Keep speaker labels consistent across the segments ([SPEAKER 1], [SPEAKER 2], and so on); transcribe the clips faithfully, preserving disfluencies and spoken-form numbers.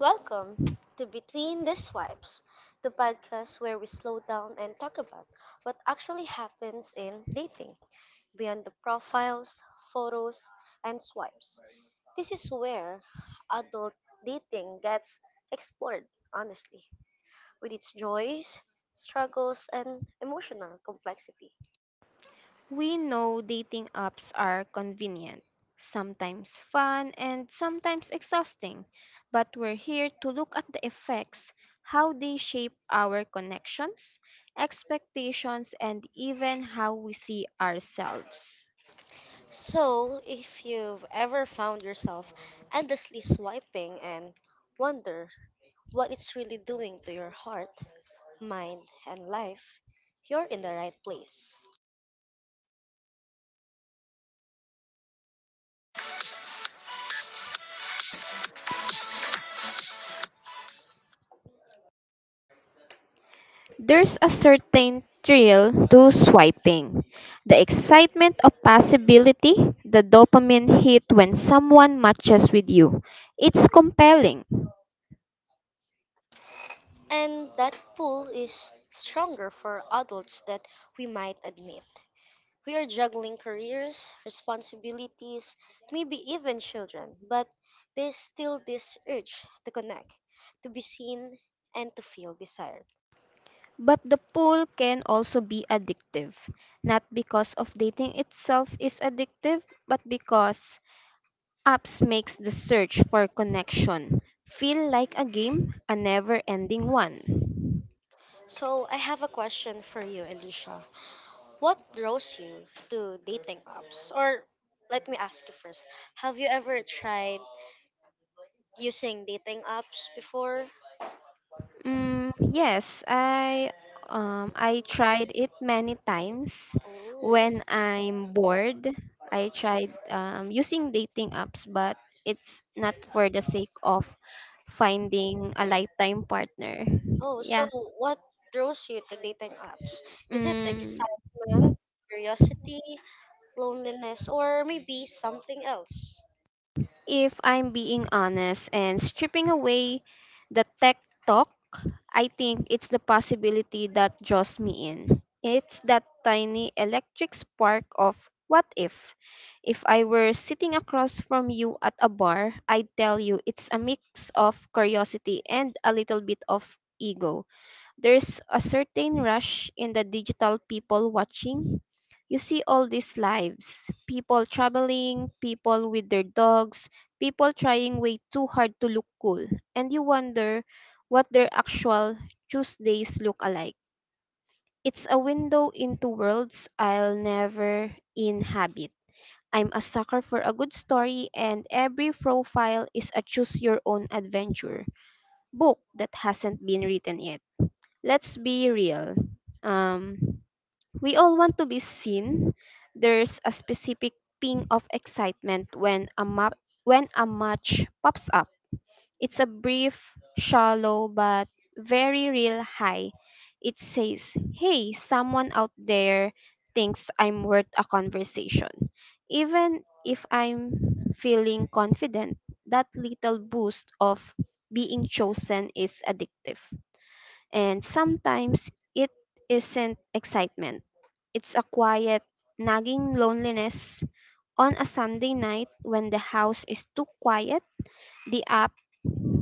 [SPEAKER 1] Welcome to Between the Swipes, the podcast where we slow down and talk about what actually happens in dating beyond the profiles, photos, and swipes. This is where adult dating gets explored honestly, with its joys, struggles, and emotional complexity.
[SPEAKER 2] We know dating apps are convenient, sometimes fun, and sometimes exhausting, but we're here to look at the effects, how they shape our connections, expectations, and even how we see ourselves.
[SPEAKER 1] So, if you've ever found yourself endlessly swiping and wonder what it's really doing to your heart, mind, and life, you're in the right place.
[SPEAKER 2] There's a certain thrill to swiping. The excitement of possibility, the dopamine hit when someone matches with you. It's compelling.
[SPEAKER 1] And that pull is stronger for adults than we might admit. We are juggling careers, responsibilities, maybe even children, but there's still this urge to connect, to be seen, and to feel desired.
[SPEAKER 2] But the pull can also be addictive, not because of dating itself is addictive, but because apps makes the search for connection feel like a game, a never-ending one.
[SPEAKER 1] So, I have a question for you, Alicia. What draws you to dating apps? Or let me ask you first. Have you ever tried using dating apps before?
[SPEAKER 2] Mm, yes, I um, I tried it many times.
[SPEAKER 1] Oh,
[SPEAKER 2] When I'm bored, I tried um, using dating apps, but it's not for the sake of finding a lifetime partner.
[SPEAKER 1] oh, so
[SPEAKER 2] Yeah.
[SPEAKER 1] what draws you to dating apps? Is it
[SPEAKER 2] Mm,
[SPEAKER 1] excitement, curiosity, loneliness, or maybe something else?
[SPEAKER 2] if I'm being honest and stripping away the tech talk, I think it's the possibility that draws me in. It's that tiny electric spark of what if? If I were sitting across from you at a bar, I'd tell you it's a mix of curiosity and a little bit of ego. There's a certain rush in the digital people watching. You see all these lives people traveling, people with their dogs, people trying way too hard to look cool, and you wonder what their actual Tuesdays look like. It's a window into worlds I'll never inhabit. I'm a sucker for a good story, and every profile is a choose your own adventure book that hasn't been written yet. Let's be real. Um, we all want to be seen. There's a specific ping of excitement when a map when a match pops up. It's a brief, shallow but very real high. It says, "Hey, someone out there thinks I'm worth a conversation." Even if I'm feeling confident, that little boost of being chosen is addictive. And sometimes it isn't excitement, it's a quiet, nagging loneliness. On a Sunday night, when the house is too quiet, the app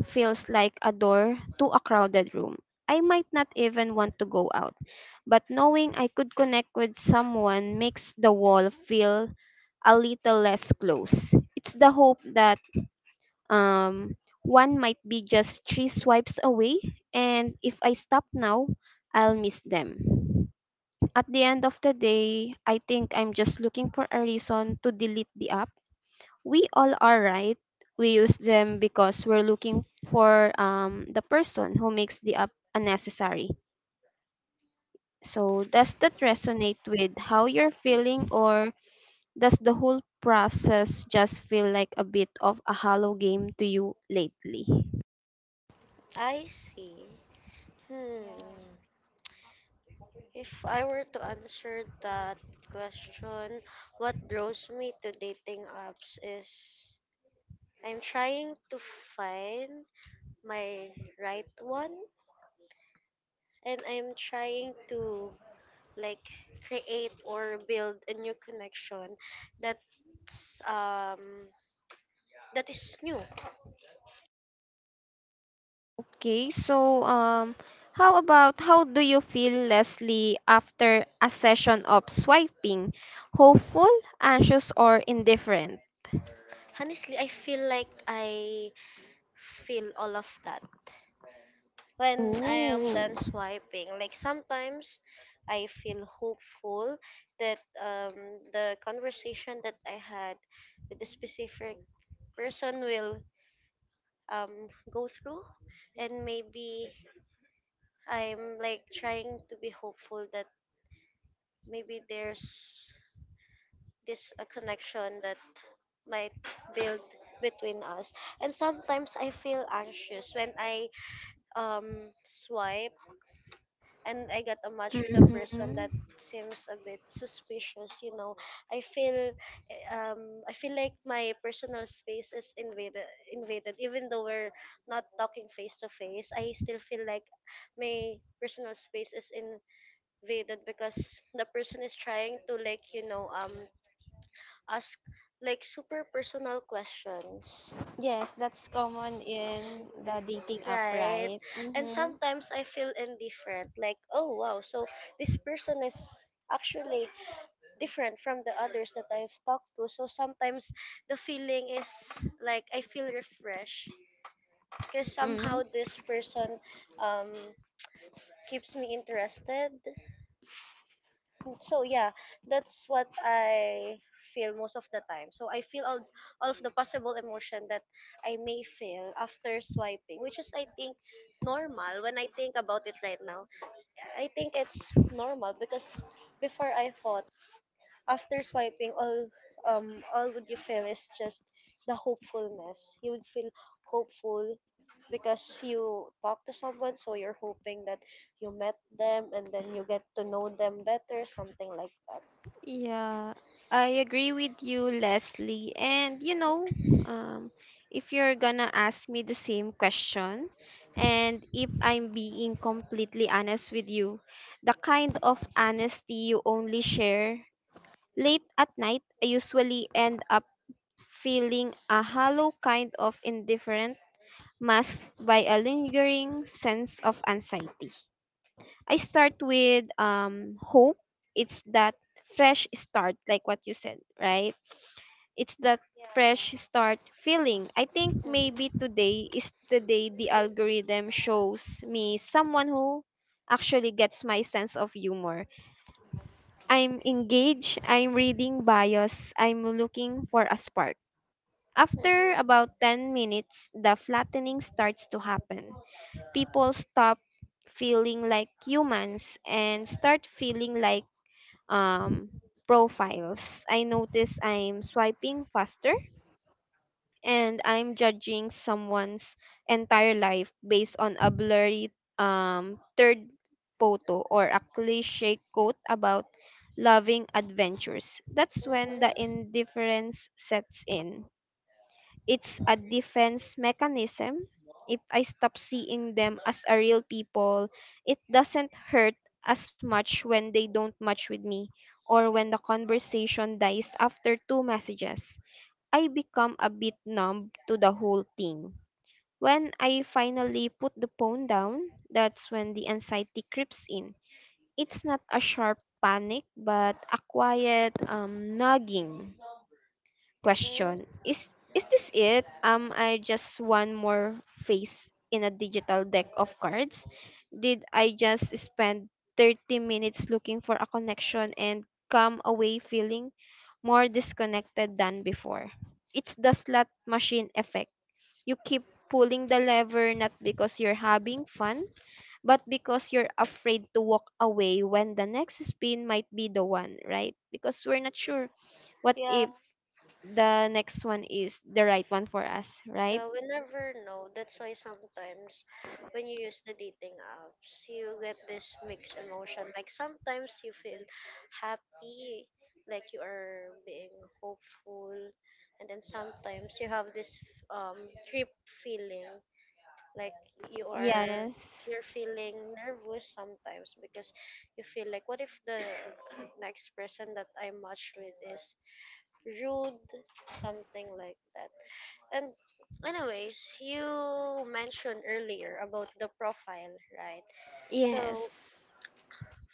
[SPEAKER 2] feels like a door to a crowded room. I might not even want to go out, but knowing I could connect with someone makes the wall feel a little less close. It's the hope that um, one might be just three swipes away, and if I stop now, I'll miss them. At the end of the day, I think I'm just looking for a reason to delete the app. We all are, right? We use them because we're looking for um, the person who makes the app unnecessary. So, does that resonate with how you're feeling, or does the whole process just feel like a bit of a hollow game to you lately?
[SPEAKER 1] I see. Hmm. If I were to answer that question, what draws me to dating apps is I'm trying to find my right one and I'm trying to like create or build a new connection that's um that is new.
[SPEAKER 2] Okay, so um, how about how do you feel, Leslie, after a session of swiping? Hopeful, anxious, or indifferent?
[SPEAKER 1] Honestly, I feel like I feel all of that when I am done
[SPEAKER 2] Ooh.
[SPEAKER 1] swiping. Like sometimes I feel hopeful that um the conversation that I had with the specific person will um go through, and maybe I'm like trying to be hopeful that maybe there's this a connection that might build between us. And sometimes I feel anxious when I um swipe and I get a match with a person that
[SPEAKER 2] Mm-hmm.
[SPEAKER 1] seems a bit suspicious, you know. I feel um I feel like my personal space is invaded invaded even though we're not talking face to face. I still feel like my personal space is in evaded because the person is trying to like you know um ask like super personal questions,
[SPEAKER 2] Yes, that's common in the dating app,
[SPEAKER 1] right.
[SPEAKER 2] right?
[SPEAKER 1] And mm-hmm,
[SPEAKER 2] Mm-hmm.
[SPEAKER 1] sometimes I feel indifferent, like oh wow, so this person is actually different from the others that I've talked to. So sometimes the feeling is like I feel refreshed because
[SPEAKER 2] Mm-hmm.
[SPEAKER 1] somehow this person um keeps me interested. Mm, so yeah, that's what I feel most of the time. So I feel all, all of the possible emotion that I may feel after swiping, which is I think normal. When I think about it right now, I think it's normal, because before I thought after swiping, all um all would you feel is just the hopefulness. You would feel hopeful because you talk to someone, so you're hoping that you met them and then you get to know them better, something like that.
[SPEAKER 2] Yeah, I agree with you, Leslie. And you know, um, if you're gonna ask me the same question, and if I'm being completely honest with you, the kind of honesty you only share late at night, I usually end up feeling a hollow kind of indifferent masked by a lingering sense of anxiety. I start with um hope. It's that fresh start, like what you said, right? It's that fresh start feeling. I think
[SPEAKER 1] Mhm.
[SPEAKER 2] maybe today is the day the algorithm shows me someone who actually gets my sense of humor. I'm engaged, I'm reading bios, I'm looking for a spark. After about ten minutes, the flattening starts to happen. People stop feeling like humans and start feeling like um, profiles. I notice I'm swiping faster and I'm judging someone's entire life based on a blurry um, third photo or a cliche quote about loving adventures. That's when the
[SPEAKER 1] Mhm.
[SPEAKER 2] indifference sets in. It's a defense mechanism. If I stop seeing them as a real people, it doesn't hurt as much when they don't match with me or when the conversation dies after two messages. I become a bit numb to the whole thing. When I finally put the phone down, that's when the anxiety creeps in. It's not a sharp panic, but a quiet um, nagging
[SPEAKER 1] Mhm.
[SPEAKER 2] question.
[SPEAKER 1] Mhm.
[SPEAKER 2] Is is this it? Am I just one more face in a digital deck of cards? Did I just spend thirty minutes looking for a connection and come away feeling more disconnected than before? It's the slot machine effect. You keep pulling the lever not because you're having fun but because you're afraid to walk away when the next spin might be the one, right? Because we're not sure what
[SPEAKER 1] Yeah,
[SPEAKER 2] if the next one is the right one for us, right?
[SPEAKER 1] yeah, we never know. That's why sometimes when you use the dating apps, you get this mixed emotion. Like sometimes you feel happy, like you are being hopeful, and then sometimes you have this um trip feeling, like you are
[SPEAKER 2] Yes.
[SPEAKER 1] you're feeling nervous sometimes because you feel like what if the next person that I match with is rude, something like that. And anyways, you mentioned earlier about the profile, right?
[SPEAKER 2] Yes.
[SPEAKER 1] So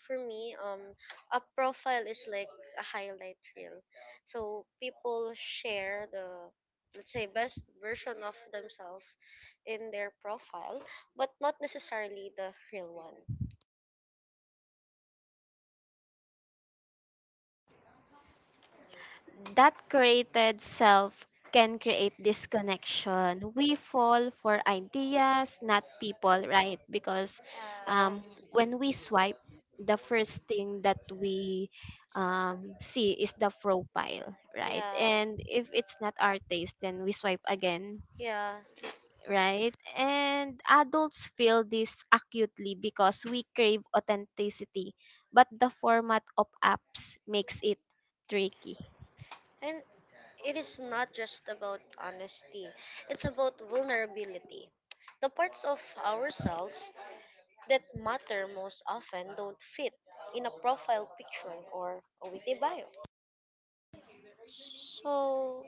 [SPEAKER 1] for me, um, a profile is like a highlight reel. So people share the let's say best version of themselves in their profile, but not necessarily the real one.
[SPEAKER 2] That created self can create disconnection. We fall for ideas, not people, right? Because
[SPEAKER 1] Yeah. Uh,
[SPEAKER 2] um, when we swipe, the first thing that we um, see is the profile,
[SPEAKER 1] right,
[SPEAKER 2] right? And
[SPEAKER 1] yeah,
[SPEAKER 2] if it's not our taste, then we swipe again,
[SPEAKER 1] yeah.
[SPEAKER 2] right? And adults feel this acutely because we crave authenticity, but the format of apps makes it tricky.
[SPEAKER 1] And it is not just about honesty, it's about vulnerability. The parts of ourselves that matter most often don't fit in a profile picture or a witty bio. So,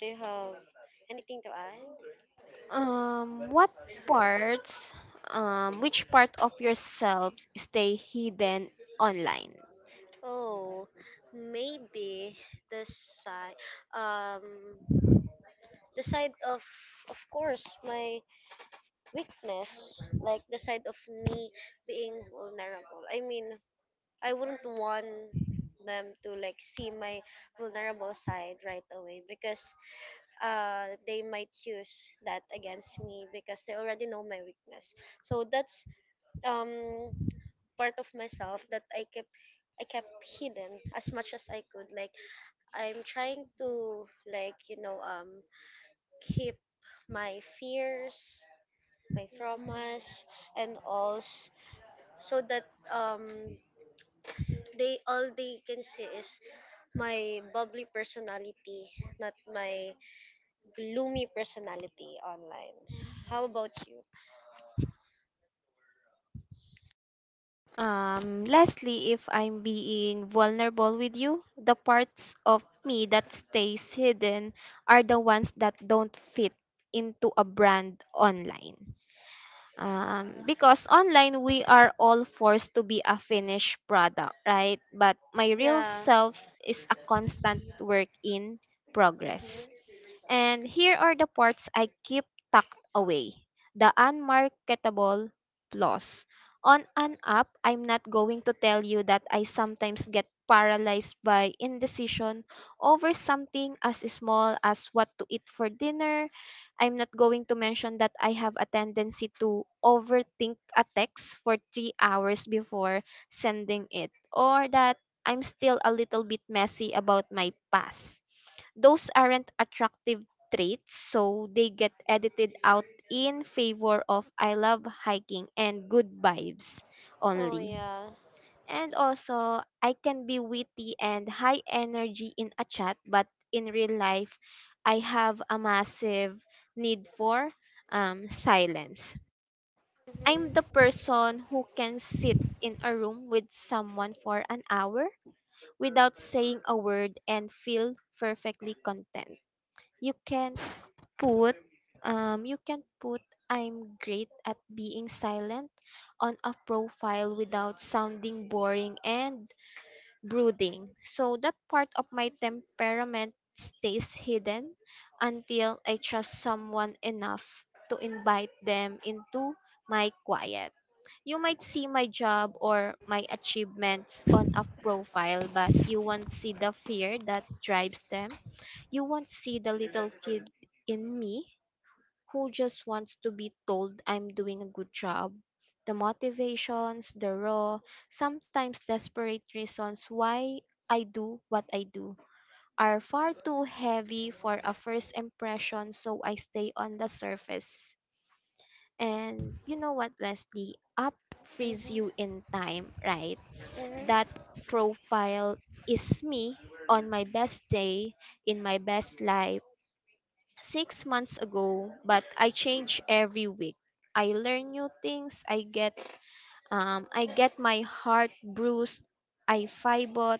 [SPEAKER 1] do you have anything to add?
[SPEAKER 2] Um, what parts, um, which part of yourself stay hidden online?
[SPEAKER 1] Oh, maybe the side, um, the side of, of course, my weakness, like the side of me being vulnerable. I mean, I wouldn't want them to like see my vulnerable side right away because uh they might use that against me because they already know my weakness. So that's um part of myself that I kept I kept hidden as much as I could. Like I'm trying to like, you know, um keep my fears, my traumas, and all s- so that um they all they can see is my bubbly personality, not my gloomy personality online. How about you?
[SPEAKER 2] Um, lastly, if I'm being vulnerable with you, the parts of me that stays hidden are the ones that don't fit into a brand online. um, because online we are all forced to be a finished product, right? But my real
[SPEAKER 1] Yeah.
[SPEAKER 2] self is a constant work in progress,
[SPEAKER 1] Mhm.
[SPEAKER 2] and here are the parts I keep tucked away, the unmarketable flaws. On an app, I'm not going to tell you that I sometimes get paralyzed by indecision over something as small as what to eat for dinner. I'm not going to mention that I have a tendency to overthink a text for three hours before sending it, or that I'm still a little bit messy about my past. Those aren't attractive traits, so they get edited out in favor of I love hiking and good vibes
[SPEAKER 1] Oh
[SPEAKER 2] only.
[SPEAKER 1] yeah.
[SPEAKER 2] And also, I can be witty and high energy in a chat, but in real life, I have a massive need for um, silence.
[SPEAKER 1] Mhm.
[SPEAKER 2] I'm the
[SPEAKER 1] Mhm.
[SPEAKER 2] person who can sit in a room with someone for an hour without saying a word and feel perfectly content. You can put um you can put I'm great at being silent on a profile without sounding boring and brooding. So that part of my temperament stays hidden until I trust someone enough to invite them into my quiet. You might see my job or my achievements on a profile, but you won't see the fear that drives them. You won't see the little kid in me who just wants to be told I'm doing a good job. The motivations, the raw, sometimes desperate reasons why I do what I do are far too heavy for a first impression, so I stay on the surface. And you know what, Leslie? Up frees you in time, right? That profile is me on my best day, in my best life six months ago, but I change every week. I learn new things. I get um I get my heart bruised. I fibot.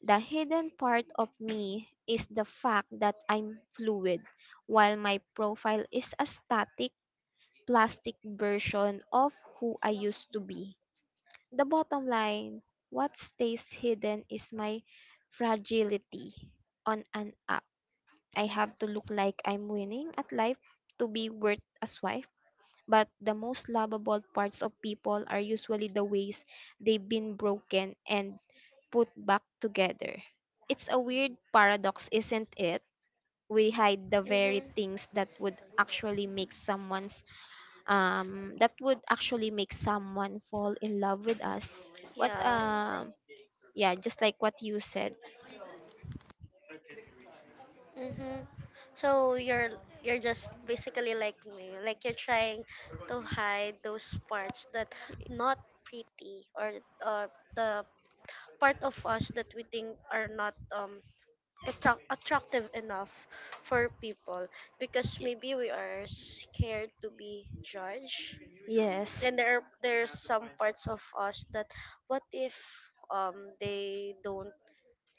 [SPEAKER 2] The hidden part of me is the fact that I'm fluid, while my profile is a static plastic version of who I used to be. The bottom line, what stays hidden is my fragility on an I have to look like I'm winning at life to be worth as wife. But the most lovable parts of people are usually the ways they've been broken and put back together. It's a weird paradox, isn't it? We hide the very
[SPEAKER 1] Mhm.
[SPEAKER 2] things that would actually make someone's um that would actually make someone fall in love with us. What
[SPEAKER 1] Yeah.
[SPEAKER 2] um yeah, just like what you said.
[SPEAKER 1] Mhm. So you're you're just basically like me, like you're trying to hide those parts that not pretty, or or the part of us that we think are not um attract- attractive enough for people, because maybe we are scared to be judged,
[SPEAKER 2] Yes.
[SPEAKER 1] and there are, there's some parts of us that, what if um they don't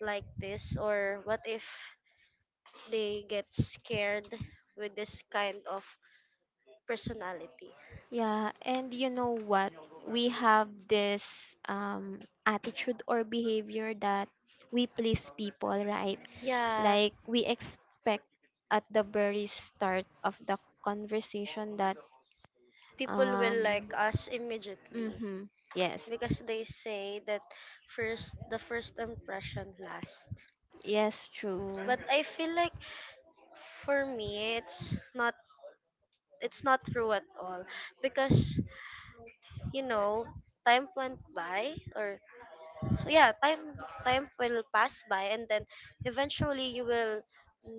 [SPEAKER 1] like this, or what if they get scared with this kind of personality.
[SPEAKER 2] Yeah, and you know what? We have this um, attitude or behavior that we please people, right?
[SPEAKER 1] Yeah,
[SPEAKER 2] Like we expect at the very start of the conversation that
[SPEAKER 1] people
[SPEAKER 2] um
[SPEAKER 1] will like us immediately,
[SPEAKER 2] mhm, yes,
[SPEAKER 1] because they say that first the first impression lasts.
[SPEAKER 2] yes, true,
[SPEAKER 1] But I feel like for me it's not, it's not true at all, because you know time went by, or so yeah, time time will pass by and then eventually you will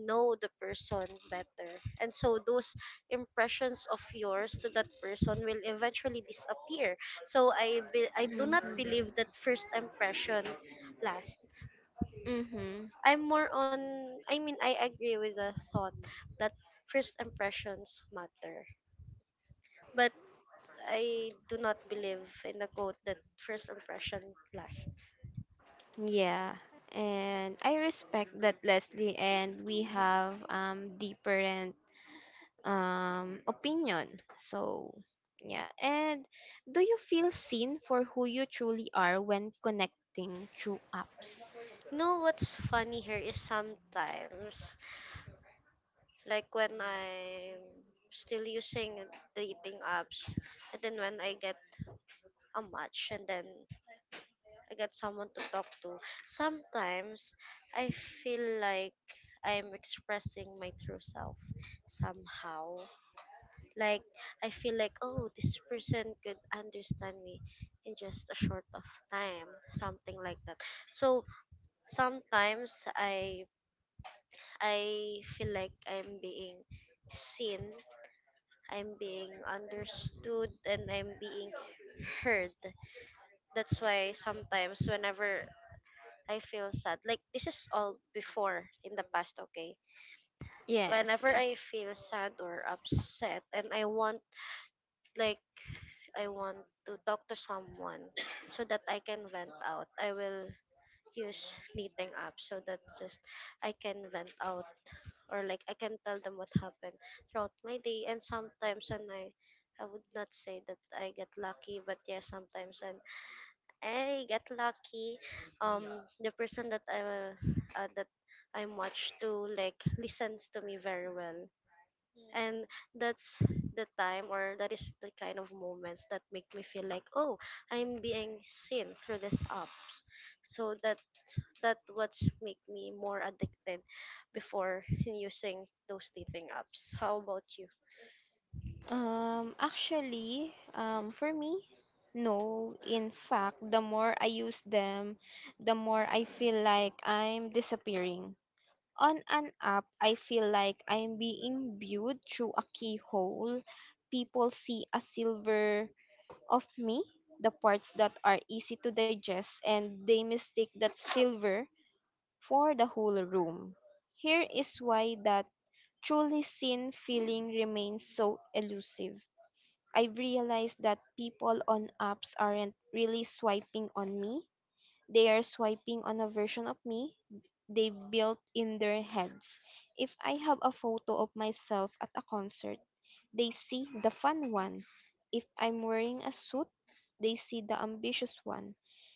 [SPEAKER 1] know the person better, and so those impressions of yours to that person will eventually disappear. So i be, I do not believe
[SPEAKER 2] mhm,
[SPEAKER 1] that first impression last.
[SPEAKER 2] mhm,
[SPEAKER 1] I'm more on, I mean, I agree with the thought that first impressions matter. But I do not believe in the quote that first impression lasts.
[SPEAKER 2] yeah, and I respect that, Leslie, and we have um different um opinion, so yeah. And do you feel seen for who you truly are when connecting through apps?
[SPEAKER 1] You know what's funny here is sometimes, like when I'm still using dating apps, and then when I get a match and then I get someone to talk to, sometimes I feel like I'm expressing my true self somehow. Like I feel like oh this person could understand me in just a short of time, something like that. So sometimes I I feel like I'm being seen, I'm being understood, and I'm being heard. That's why sometimes whenever I feel sad, like this is all before in the past, okay?
[SPEAKER 2] Yes.
[SPEAKER 1] Whenever I feel sad or upset and I want like I want to talk to someone so that I can vent out, I will use knitting up so that just I can vent out, or like I can tell them what happened throughout my day. And sometimes when I I would not say that I get lucky, but yeah, sometimes when I get lucky, um, the person that I will, uh, that I'm watched to like listens to me very well, and that's the time, or that is the kind of moments that make me feel like oh, I'm being seen through these apps. So that that what's make me more addicted before in using those dating apps. How about you?
[SPEAKER 2] um actually um for me, no. In fact, the more I use them, the more I feel like I'm disappearing. On an app I feel like I'm being viewed through a keyhole. People see a silver of me, the parts that are easy to digest, and they mistake that silver for the whole room. Here is why that truly seen feeling remains so elusive. I've realized that people on apps aren't really swiping on me. They are swiping on a version of me they built in their heads. If I have a photo of myself at a concert, they see the fun one. If I'm wearing a suit, they see the ambitious one.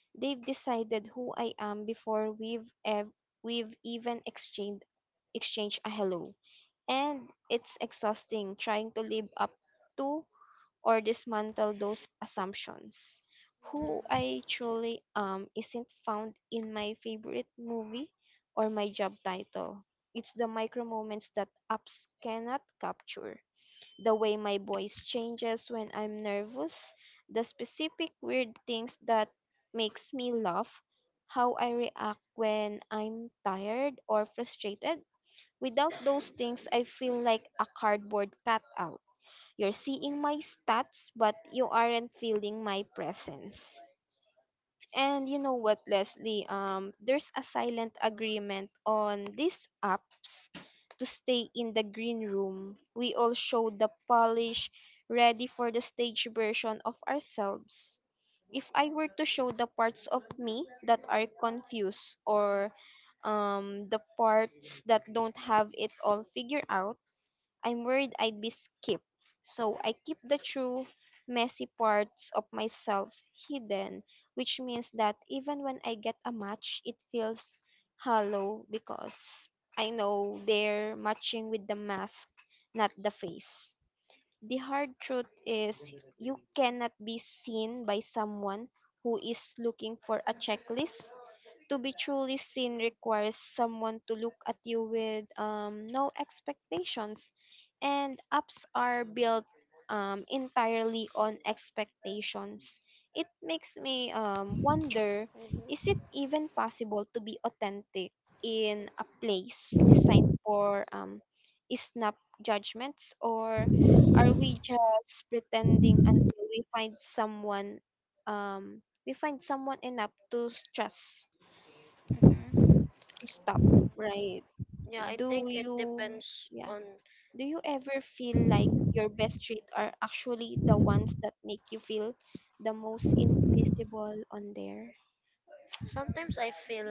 [SPEAKER 2] They've decided who I am before we've ev- we've even exchanged exchanged a hello. And it's exhausting trying to live up to or dismantle those assumptions. Who I truly am isn't found in my favorite movie or my job title. It's the micro moments that apps cannot capture. The way my voice changes when I'm nervous, the specific weird things that makes me laugh, how I react when I'm tired or frustrated. Without those things, I feel like a cardboard cutout. You're seeing my stats, but you aren't feeling my presence. And you know what, Leslie? Um, there's a silent agreement on these apps to stay in the green room. We all show the polish, ready for the stage version of ourselves. If I were to show the parts of me that are confused or um, the parts that don't have it all figured out, I'm worried I'd be skipped. So I keep the true, messy parts of myself hidden, which means that even when I get a match, it feels hollow because I know they're matching with the mask, not the face. The hard truth is you cannot be seen by someone who is looking for a checklist. To be truly seen requires someone to look at you with um, no expectations, and apps are built um, entirely on expectations. It makes me um, wonder, is it even possible to be authentic in a place designed for um, snap judgments? Or are we just pretending we find someone um, we find someone enough to trust to stop, right?
[SPEAKER 1] Yeah, I
[SPEAKER 2] Do
[SPEAKER 1] think
[SPEAKER 2] think
[SPEAKER 1] it
[SPEAKER 2] you,
[SPEAKER 1] depends
[SPEAKER 2] yeah,
[SPEAKER 1] on.
[SPEAKER 2] do you ever feel like your best traits are actually the ones that make you feel the most invisible on there?
[SPEAKER 1] Sometimes I feel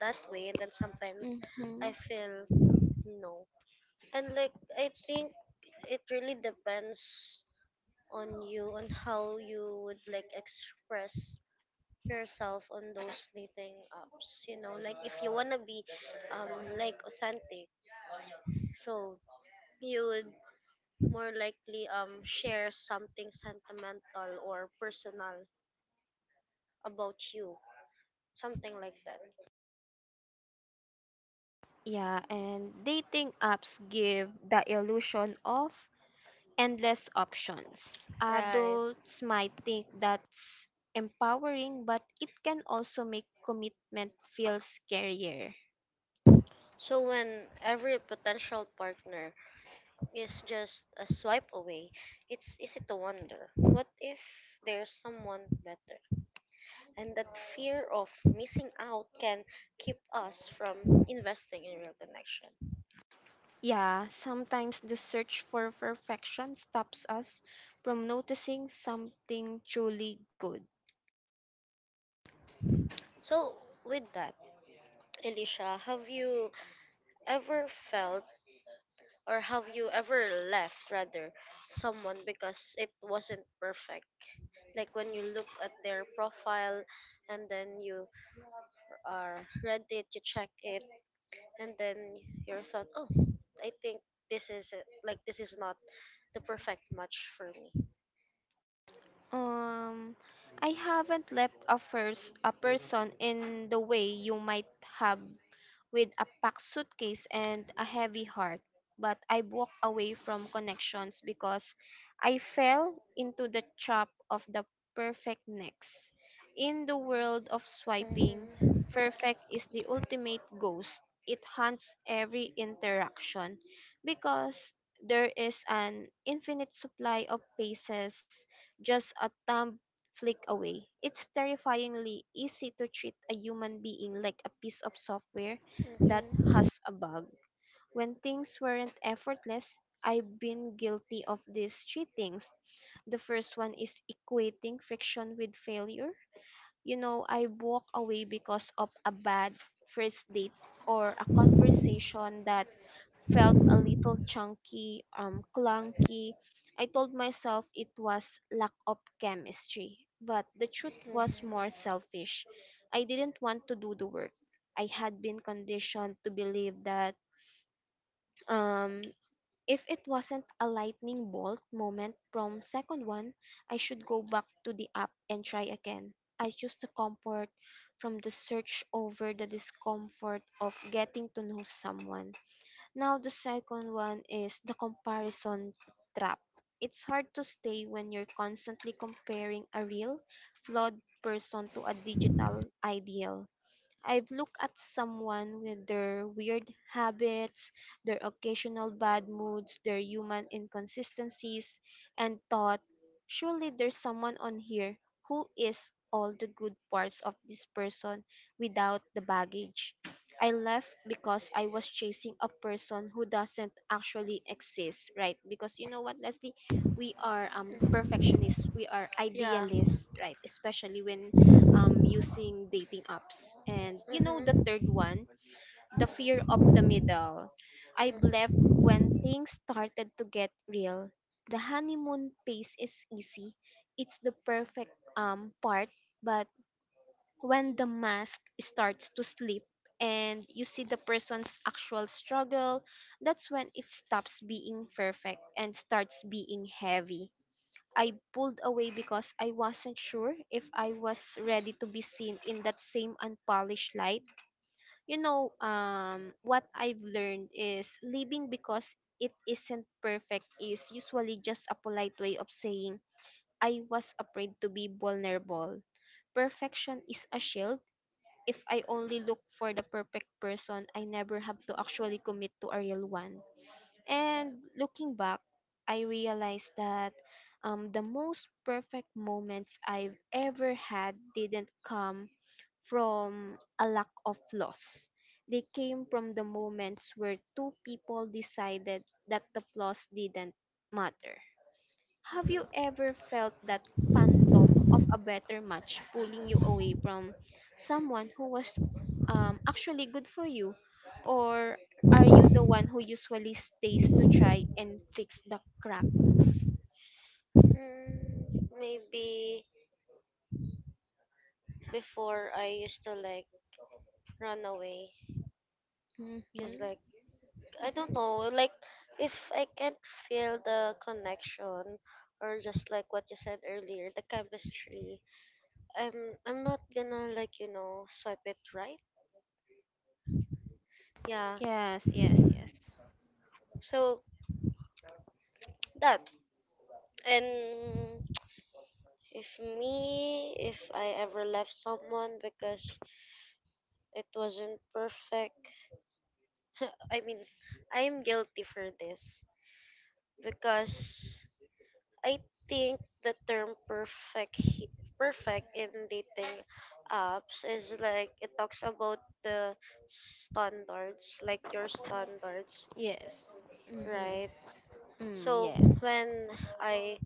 [SPEAKER 1] that way, and then sometimes
[SPEAKER 2] Mm-hmm.
[SPEAKER 1] I feel no, and like I think it really depends on you, on how you would like express yourself on those dating apps, you know, like if you want to be um like authentic, so you would more likely um share something sentimental or personal about you, something like that.
[SPEAKER 2] Yeah, and dating apps give the illusion of endless options.
[SPEAKER 1] Right,
[SPEAKER 2] Adults might think that's empowering, but it can also make commitment feel scarier.
[SPEAKER 1] so when every potential partner is just a swipe away, it's easy to wonder, what if there's someone better? And that fear of missing out can keep us from investing in real connection.
[SPEAKER 2] Yeah, sometimes the search for perfection stops us from noticing something truly good.
[SPEAKER 1] So, with that, Elisha, have you ever felt, or have you ever left rather, someone because it wasn't perfect? Like when you look at their profile and then you are read it, you check it, and then you thought, oh, I think this is it, like this is not the perfect match for me.
[SPEAKER 2] Um, I haven't left a first a person in the way you might have, with a packed suitcase and a heavy heart. But I walked away from connections because I fell into the trap of the perfect next. In the world of swiping,
[SPEAKER 1] Mhm,
[SPEAKER 2] perfect is the ultimate ghost. It hunts every interaction because there is an infinite supply of faces just a thumb flick away. It's terrifyingly easy to treat a human being like a piece of software that
[SPEAKER 1] mhm.
[SPEAKER 2] has a bug. When things weren't effortless, I've been guilty of these three things. The first one is equating friction with failure. You know, I walk away because of a bad first date or a conversation that felt a little chunky, um, clunky. I told myself it was lack of chemistry, but the truth was more selfish. I didn't want to do the work. I had been conditioned to believe that um, if it wasn't a lightning bolt moment from second one, I should go back to the app and try again. I choose the comfort from the search over the discomfort of getting to know someone. Now, the second one is the comparison trap. It's hard to stay when you're constantly comparing a real, flawed person to a digital ideal. I've looked at someone with their weird habits, their occasional bad moods, their human inconsistencies, and thought, surely there's someone on here who is all the good parts of this person without the baggage. I left because I was chasing a person who doesn't actually exist, right? Because you know what, Leslie, we are um perfectionists, we are
[SPEAKER 1] Yeah. Mhm.
[SPEAKER 2] idealists, right? Especially when um, using dating apps. And you know, the third one, the fear of the middle. I left when things started to get real. The honeymoon phase is easy, it's the perfect um, part, but when the mask starts to slip, and you see the person's actual struggle, that's when it stops being perfect and starts being heavy. I pulled away because I wasn't sure if I was ready to be seen in that same unpolished light. You know, um, what I've learned is leaving because it isn't perfect is usually just a polite way of saying I was afraid to be vulnerable. Perfection is a shield. If I only look for the perfect person, I never have to actually commit to a real one. And looking back, I realized that um, the most perfect moments I've ever had didn't come from a lack of flaws. They came from the moments where two people decided that the flaws didn't matter. Have you ever felt that of a better match pulling you away from someone who was um, actually good for you? Or are you the one who usually stays to try and fix the crack?
[SPEAKER 1] Mm, maybe before I used to like run away because
[SPEAKER 2] Mm-hmm.
[SPEAKER 1] like I don't know, like if I can't feel the connection, or just like what you said earlier, the chemistry, I'm I'm not gonna like you know swipe it right. Yeah.
[SPEAKER 2] Yes, yes,
[SPEAKER 1] So that, and if me, if I ever left someone because it wasn't perfect, I mean I'm guilty for this because I think the term perfect he- perfect in dating apps is like it talks about the standards, like your standards,
[SPEAKER 2] yes. Mm-hmm.
[SPEAKER 1] right?
[SPEAKER 2] Mm,
[SPEAKER 1] So
[SPEAKER 2] yes.
[SPEAKER 1] when I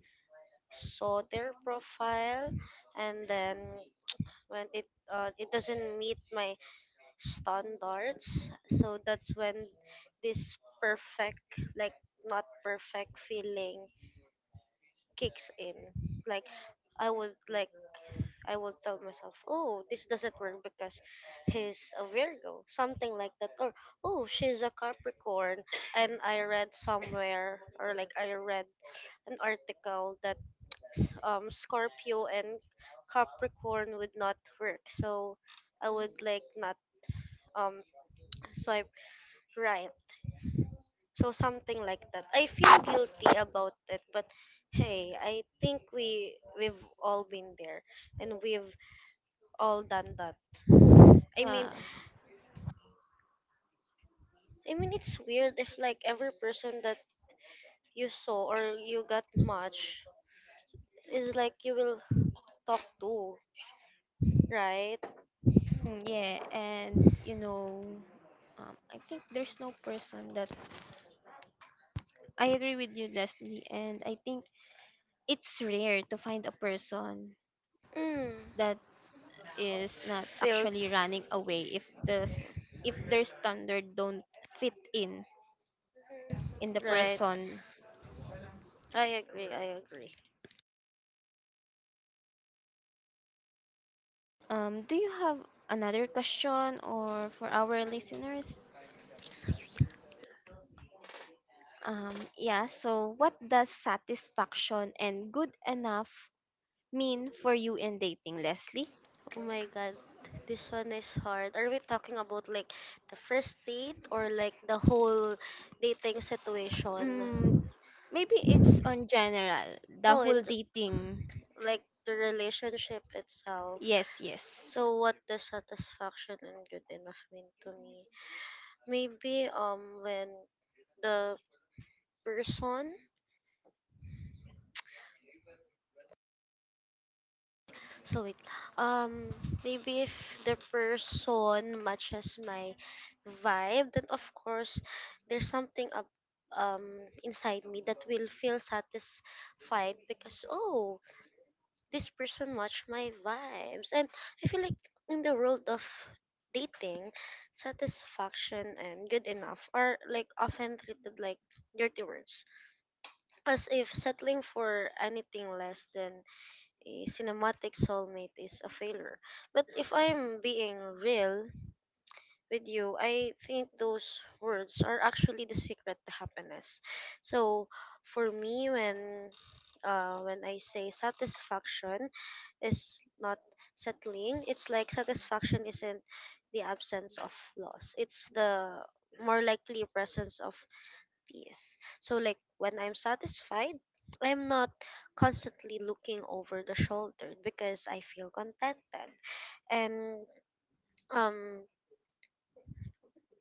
[SPEAKER 1] saw their profile and then when it uh, it doesn't meet my standards, so that's when this perfect like not perfect feeling kicks in. Like I would like I would tell myself, "Oh, this doesn't work because he's a Virgo," something like that, or "Oh, she's a Capricorn." And I read somewhere, or like I read an article that s- um, Scorpio and Capricorn would not work. So I would like not um swipe right. So something like that. I feel guilty about it, but hey, I think we we've all been there and we've all done that. I
[SPEAKER 2] Yeah.
[SPEAKER 1] mean, I mean it's weird if like every person that you saw or you got much is like you will talk to, right?
[SPEAKER 2] Mm, yeah, and you know, um, I think there's no person that I agree with you, Leslie, and I think it's rare to find a person
[SPEAKER 1] Mm,
[SPEAKER 2] that is not actually
[SPEAKER 1] feels
[SPEAKER 2] running away if the s- if their standard don't fit in in the
[SPEAKER 1] right.
[SPEAKER 2] person.
[SPEAKER 1] I agree, I agree.
[SPEAKER 2] Um, do you have another question or for our listeners? Um, yeah. So, what does satisfaction and good enough mean for you in dating, Leslie?
[SPEAKER 1] Oh my god, this one is hard. Are we talking about like the first date, or like the whole dating, mm,
[SPEAKER 2] Mm,
[SPEAKER 1] situation?
[SPEAKER 2] maybe it's on general the
[SPEAKER 1] Oh,
[SPEAKER 2] whole
[SPEAKER 1] and
[SPEAKER 2] dating.
[SPEAKER 1] like the relationship itself.
[SPEAKER 2] Yes, yes.
[SPEAKER 1] So what does satisfaction and good enough mean to me? Maybe um when the person So wait, um, maybe if the person matches my vibe, then of course there's something up um inside me that will feel satisfied because, oh, this person matched my vibes. And I feel like in the world of dating, satisfaction and good enough are like often treated like dirty words, as if settling for anything less than a cinematic soulmate is a failure. But if I'm being real with you, I think those words are actually the secret to happiness. So for me, when uh, when I say satisfaction is not settling, it's like satisfaction isn't the absence of loss. It's the more likely presence of peace. So, like, when I'm satisfied, I'm not constantly looking over the shoulder because I feel contented. And, um,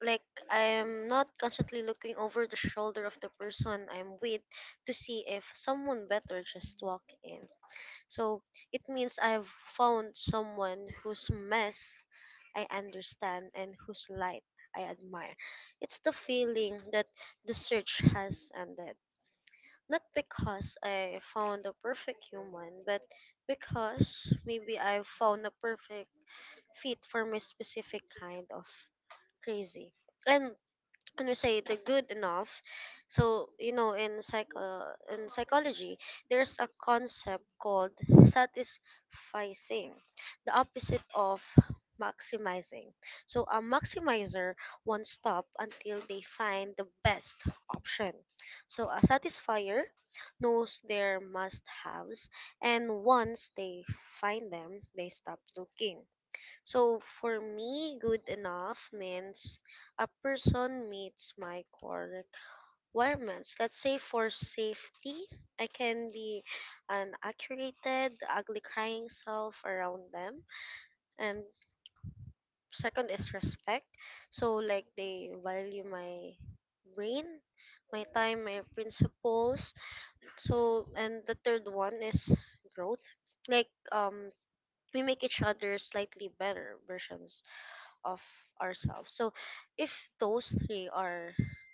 [SPEAKER 1] like, I'm not constantly looking over the shoulder of the person I'm with to see if someone better just walked in. So, it means I've found someone whose mess I understand and whose light I admire. It's the feeling that the search has ended. Not because I found a perfect human, but because maybe I found a perfect fit for my specific kind of crazy. And and we say the good enough. So you know, in psych uh, in psychology there's a concept called satisficing, the opposite of maximizing. So a maximizer won't stop until they find the best option. So a satisfier knows their must haves, and once they find them, they stop looking. So for me, good enough means a person meets my core requirements. Let's say for safety, I can be an accurate, ugly crying self around them. And second is respect. So like they value my brain, my time, my principles. So and the third one is growth. Like um we make each other slightly better versions of ourselves. So if those three are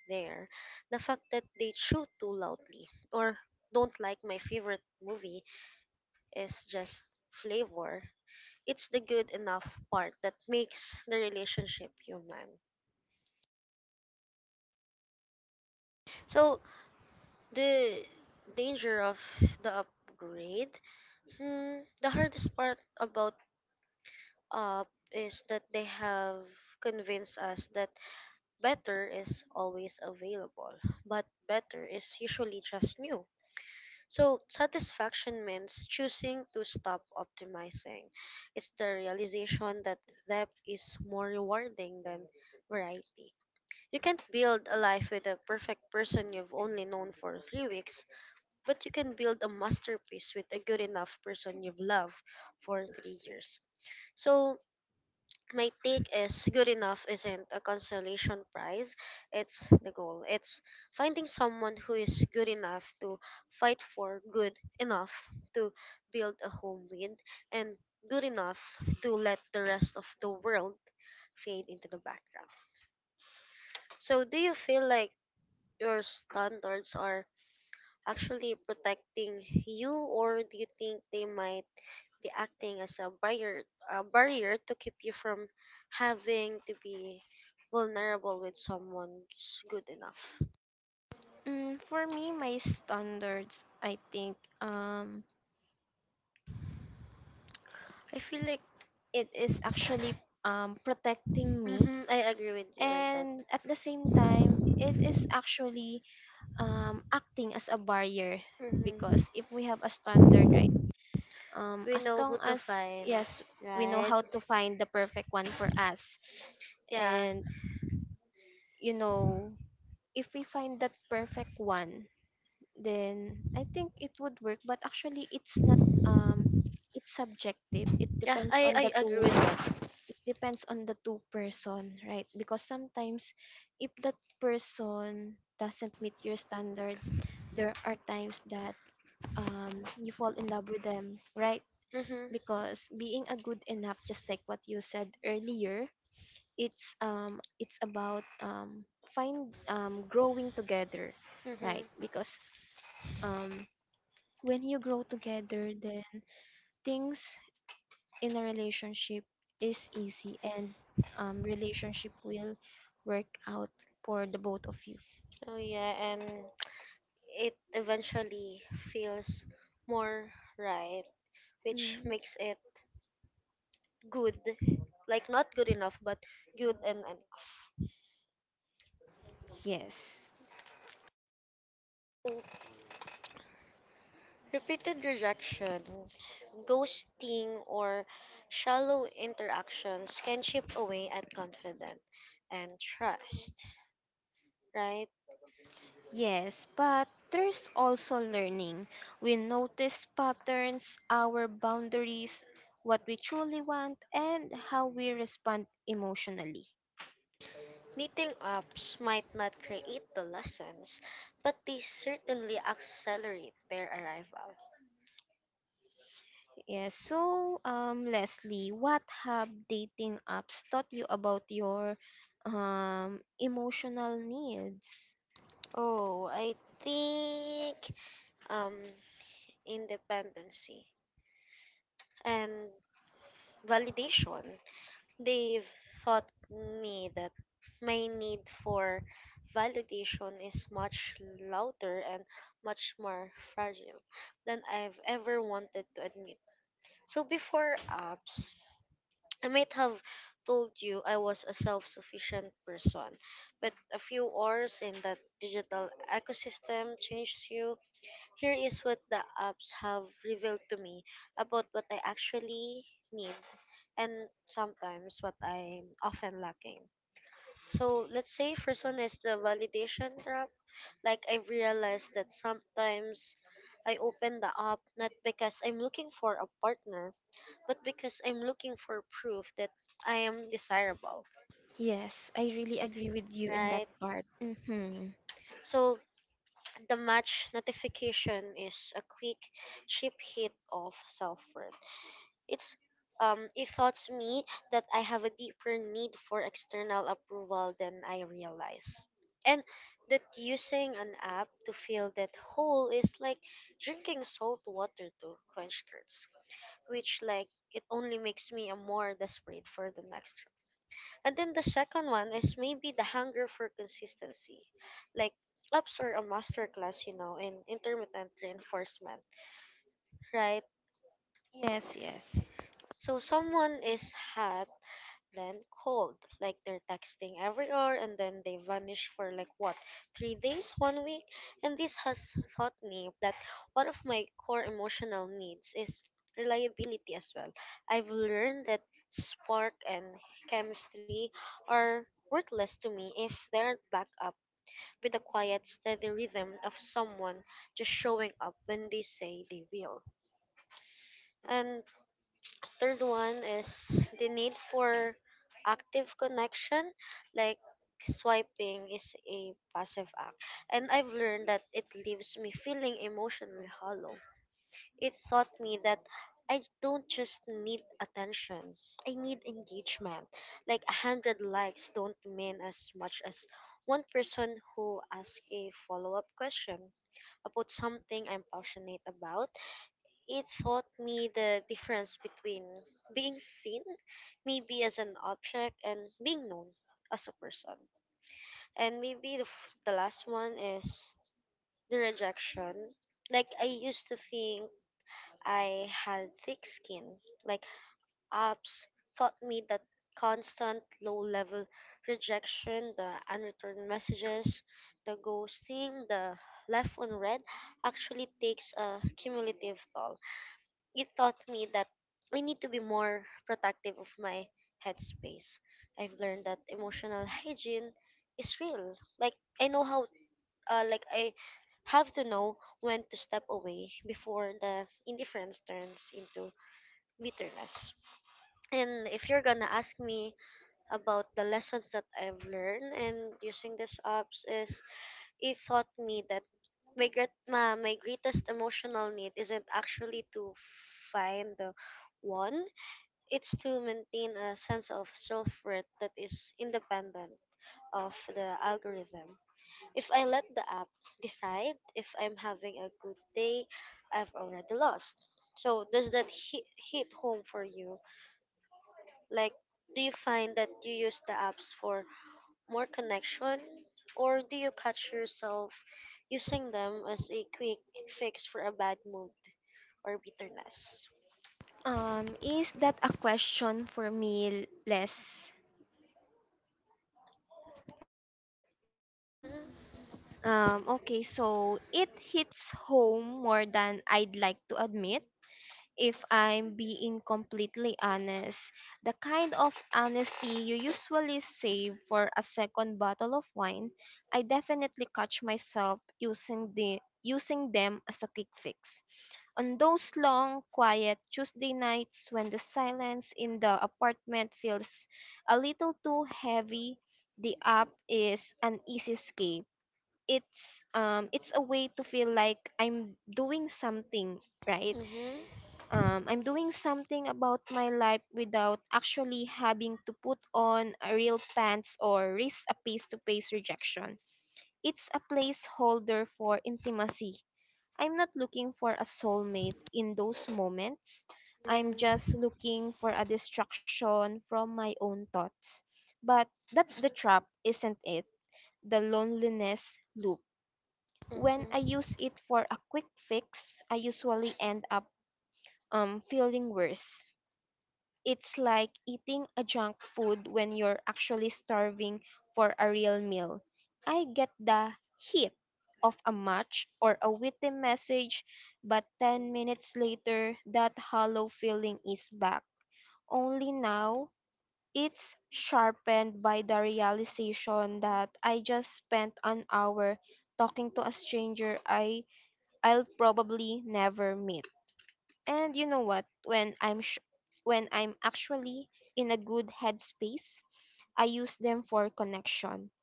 [SPEAKER 1] there, the fact that they shoot too loudly or don't like my favorite movie is just flavor. It's the good enough part that makes the relationship human. So the danger of the upgrade. Hmm, the hardest part about up is that they have convinced us that better is always available, but better is usually just new. So, satisfaction means choosing to stop optimizing. It's the realization that depth is more rewarding than variety. You can't build a life with a perfect person you've only known for three weeks, but you can build a masterpiece with a good enough person you've loved for three years. So, my take is good enough isn't a consolation prize, it's the goal. It's finding someone who is good enough to fight for, good enough to build a home with, and good enough to let the rest of the world fade into the background. So do you feel like your standards are actually protecting you, or do you think they might the acting as a barrier a barrier to keep you from having to be vulnerable with someone's good enough?
[SPEAKER 2] Mm, for me, my standards, I think. Um,
[SPEAKER 1] I feel like...
[SPEAKER 2] it is actually um, protecting me,
[SPEAKER 1] Mm-hmm, I agree with you with that.
[SPEAKER 2] and at the same time it is actually um, acting as a barrier, because
[SPEAKER 1] Mm-hmm. Hmm.
[SPEAKER 2] if we have a standard right, um,
[SPEAKER 1] We
[SPEAKER 2] as
[SPEAKER 1] know
[SPEAKER 2] long
[SPEAKER 1] who to
[SPEAKER 2] as
[SPEAKER 1] find,
[SPEAKER 2] yes
[SPEAKER 1] we
[SPEAKER 2] we know
[SPEAKER 1] right?
[SPEAKER 2] how to find the perfect one for us,
[SPEAKER 1] Yeah.
[SPEAKER 2] and you know, if we find that perfect one, then I think it would work, but actually it's not. um it's subjective, it
[SPEAKER 1] Yeah, be
[SPEAKER 2] depends on the
[SPEAKER 1] I, I agree
[SPEAKER 2] two,
[SPEAKER 1] subjective, with
[SPEAKER 2] it depends on the two person, right? Because sometimes if that person doesn't meet your standards, there are times that um you fall in love with them, right?
[SPEAKER 1] that. Mm-hmm.
[SPEAKER 2] Because being a good enough, just like what you said earlier, it's um it's about um find um growing together,
[SPEAKER 1] Right? Mm-hmm.
[SPEAKER 2] right? Because um when you grow together, then things in a relationship is easy, and um, relationship will work out for the both of you.
[SPEAKER 1] Oh yeah, and it eventually feels more right, which
[SPEAKER 2] Mm.
[SPEAKER 1] makes it good. Like not good enough, but good and enough.
[SPEAKER 2] Yes.
[SPEAKER 1] Repeated rejection, ghosting, or shallow interactions can chip away at confidence and trust, right?
[SPEAKER 2] Yes, but there's also learning. We notice patterns, our boundaries, what we truly want, and how we respond emotionally.
[SPEAKER 1] Meeting ups might not create the lessons, but they certainly accelerate their arrival.
[SPEAKER 2] Yes, so um, Leslie, what have dating apps taught you about your um, emotional needs?
[SPEAKER 1] Oh, I think um independency and validation. They've taught me that my need for validation is much louder and much more fragile than I've ever wanted to admit. So before apps, I might have told you I was a self-sufficient person, but a few hours in that digital ecosystem changes you. Here is what the apps have revealed to me about what I actually need, and sometimes what I'm often lacking. So let's say first one is the validation trap. Like I've realized that sometimes I open the app not because I'm looking for a partner, but because I'm looking for proof that I am desirable,
[SPEAKER 2] Yes, I really agree with you in
[SPEAKER 1] right?
[SPEAKER 2] that right? part. Mm-hmm.
[SPEAKER 1] So the match notification is a quick, cheap hit of self-worth. It's um, it thoughts me that I have a deeper need for external approval than I realize. And that using an app to fill that hole is like drinking salt water to quench thirst, which like it only makes me a more desperate for the next. And then the second one is maybe the hunger for consistency. Like apps are a masterclass, you know, in intermittent reinforcement, right?
[SPEAKER 2] Yes, yes.
[SPEAKER 1] So someone is hot, then cold. Like they're texting every hour and then they vanish for like what, three days, one week? And this has taught me that one of my core emotional needs is reliability as well. I've learned that spark and chemistry are worthless to me if they aren't backed up with the quiet, steady rhythm of someone just showing up when they say they will. And third one is the need for active connection, like swiping is a passive act. And I've learned that it leaves me feeling emotionally hollow. It taught me that I don't just need attention. I need engagement. Like a hundred likes don't mean as much as one person who asks a follow-up question about something I'm passionate about. It taught me the difference between being seen, maybe as an object, and being known as a person. And maybe the, f- the last one is the rejection. Like I used to think I had thick skin. Like apps taught me that constant low level rejection, the unreturned messages, the ghosting, the left unread actually takes a cumulative toll. It taught me that I need to be more protective of my headspace. I've learned that emotional hygiene is real. Like I know how, uh, like I have to know when to step away before the indifference turns into bitterness. And if you're gonna ask me about the lessons that I've learned and using these apps is, it taught me that my great ma, my greatest emotional need isn't actually to find the one, it's to maintain a sense of self-worth that is independent of the algorithm. If I let the app decide if I'm having a good day, I've already lost. So does that hit, hit home for you? Like, do you find that you use the apps for more connection, or do you catch yourself using them as a quick fix for a bad mood or bitterness?
[SPEAKER 2] Um, is that a question for me, Les?
[SPEAKER 1] Mhm.
[SPEAKER 2] Um, okay, so it hits home more than I'd like to admit. If I'm being completely honest, the kind of honesty you usually save for a second bottle of wine, I definitely catch myself using the using them as a quick fix. On those long, quiet Tuesday nights when the silence in the apartment feels a little too heavy, the app is an easy escape. It's um it's a way to feel like I'm doing something,
[SPEAKER 1] Right.
[SPEAKER 2] right?
[SPEAKER 1] Mhm.
[SPEAKER 2] um, I'm doing something about my life without actually having to put on a real pants or risk a face to face rejection. It's a placeholder for intimacy. I'm not looking for a soulmate in those moments.
[SPEAKER 1] I'm
[SPEAKER 2] I'm
[SPEAKER 1] mhm, just
[SPEAKER 2] just
[SPEAKER 1] look
[SPEAKER 2] looking for a distraction from my own thoughts. But that's the trap, isn't it? The loneliness loop.
[SPEAKER 1] when
[SPEAKER 2] When
[SPEAKER 1] I
[SPEAKER 2] I
[SPEAKER 1] mhm. use
[SPEAKER 2] use
[SPEAKER 1] it.
[SPEAKER 2] it for a quick fix, I usually end up um, feeling worse. It's like eating a junk food when you're actually starving for a real meal. I get the heat of a match or a witty message, but ten minutes later, that hollow feeling is back. Only now, it's sharpened by the realization that I just spent an hour talking to a stranger I, I'll probably never meet. And you know what? When I'm sh- when I'm actually in a good headspace, I use them for connection.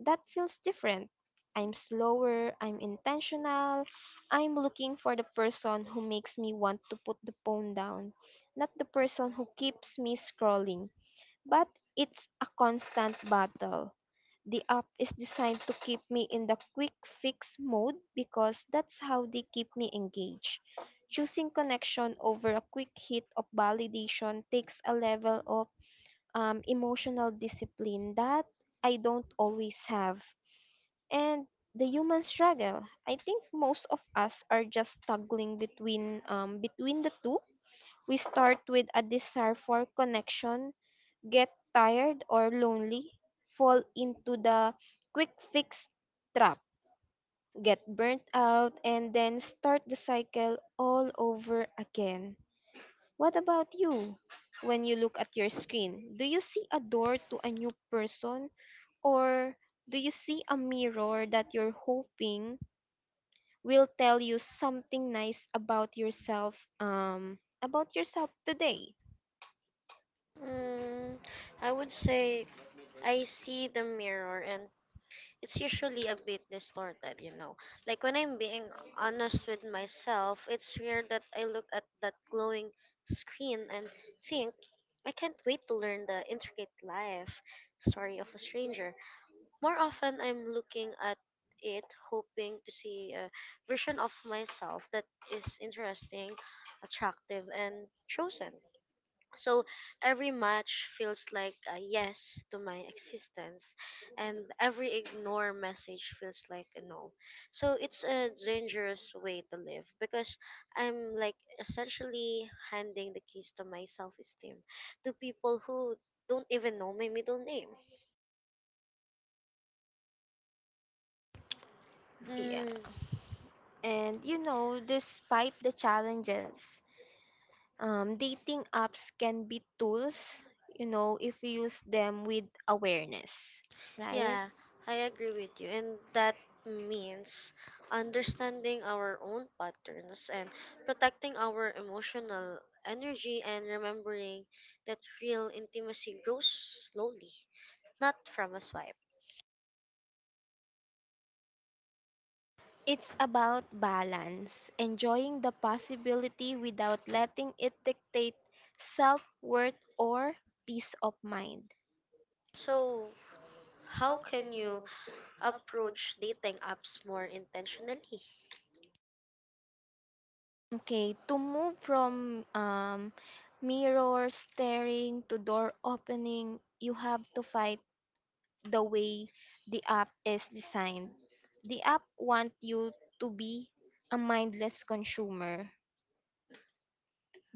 [SPEAKER 2] That feels different. I'm slower, I'm intentional, I'm looking for the person who makes me want to put the phone down, not the person who keeps me scrolling. But it's a constant battle. The app is designed to keep me in the quick fix mode because that's how they keep me engaged. Choosing connection over a quick hit of validation takes a level of um, emotional discipline that I don't always have. And the human struggle. I think most of us are just struggling between um, between the two. We start with a desire for connection, get tired or lonely, fall into the quick fix trap, get burnt out, and then start the cycle all over again. What about you? When you look at your screen, do you see a door to a new person, or do you see a mirror that you're hoping will tell you something nice about yourself um about yourself today?
[SPEAKER 1] Mm, I would say I see the mirror and it's usually a bit distorted, you know. Like when I'm being honest with myself, it's rare that I look at that glowing screen and think, I can't wait to learn the intricate life story of a stranger. More often, I'm looking at it hoping to see a version of myself that is interesting, attractive, and chosen. So every match feels like a yes to my existence, and every ignore message feels like a no. So it's a dangerous way to live because I'm like essentially handing the keys to my self esteem to people who don't even know my middle name.
[SPEAKER 2] Yeah.
[SPEAKER 1] Mm.
[SPEAKER 2] And you know, despite the challenges, Um, dating apps can be tools, you know, if you use them with awareness, right?
[SPEAKER 1] Yeah, I agree with you. And that means understanding our own patterns and protecting our emotional energy, and remembering that real intimacy grows slowly, not from a swipe.
[SPEAKER 2] It's about balance, enjoying the possibility without letting it dictate self worth or peace of mind.
[SPEAKER 1] So, how can you approach dating apps more intentionally?
[SPEAKER 2] Okay, to move from um, mirror staring to door opening, you have to fight the way the app is designed. The app wants you to be a mindless consumer.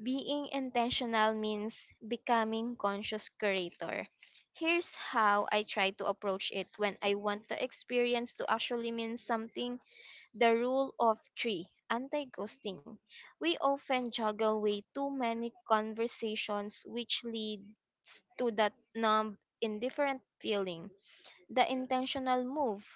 [SPEAKER 2] Being intentional means becoming conscious curator. Here's how I try to approach it when I want the experience to actually mean something. The rule of three anti ghosting. We often juggle way too many conversations, which leads to that numb, indifferent feeling. The intentional move: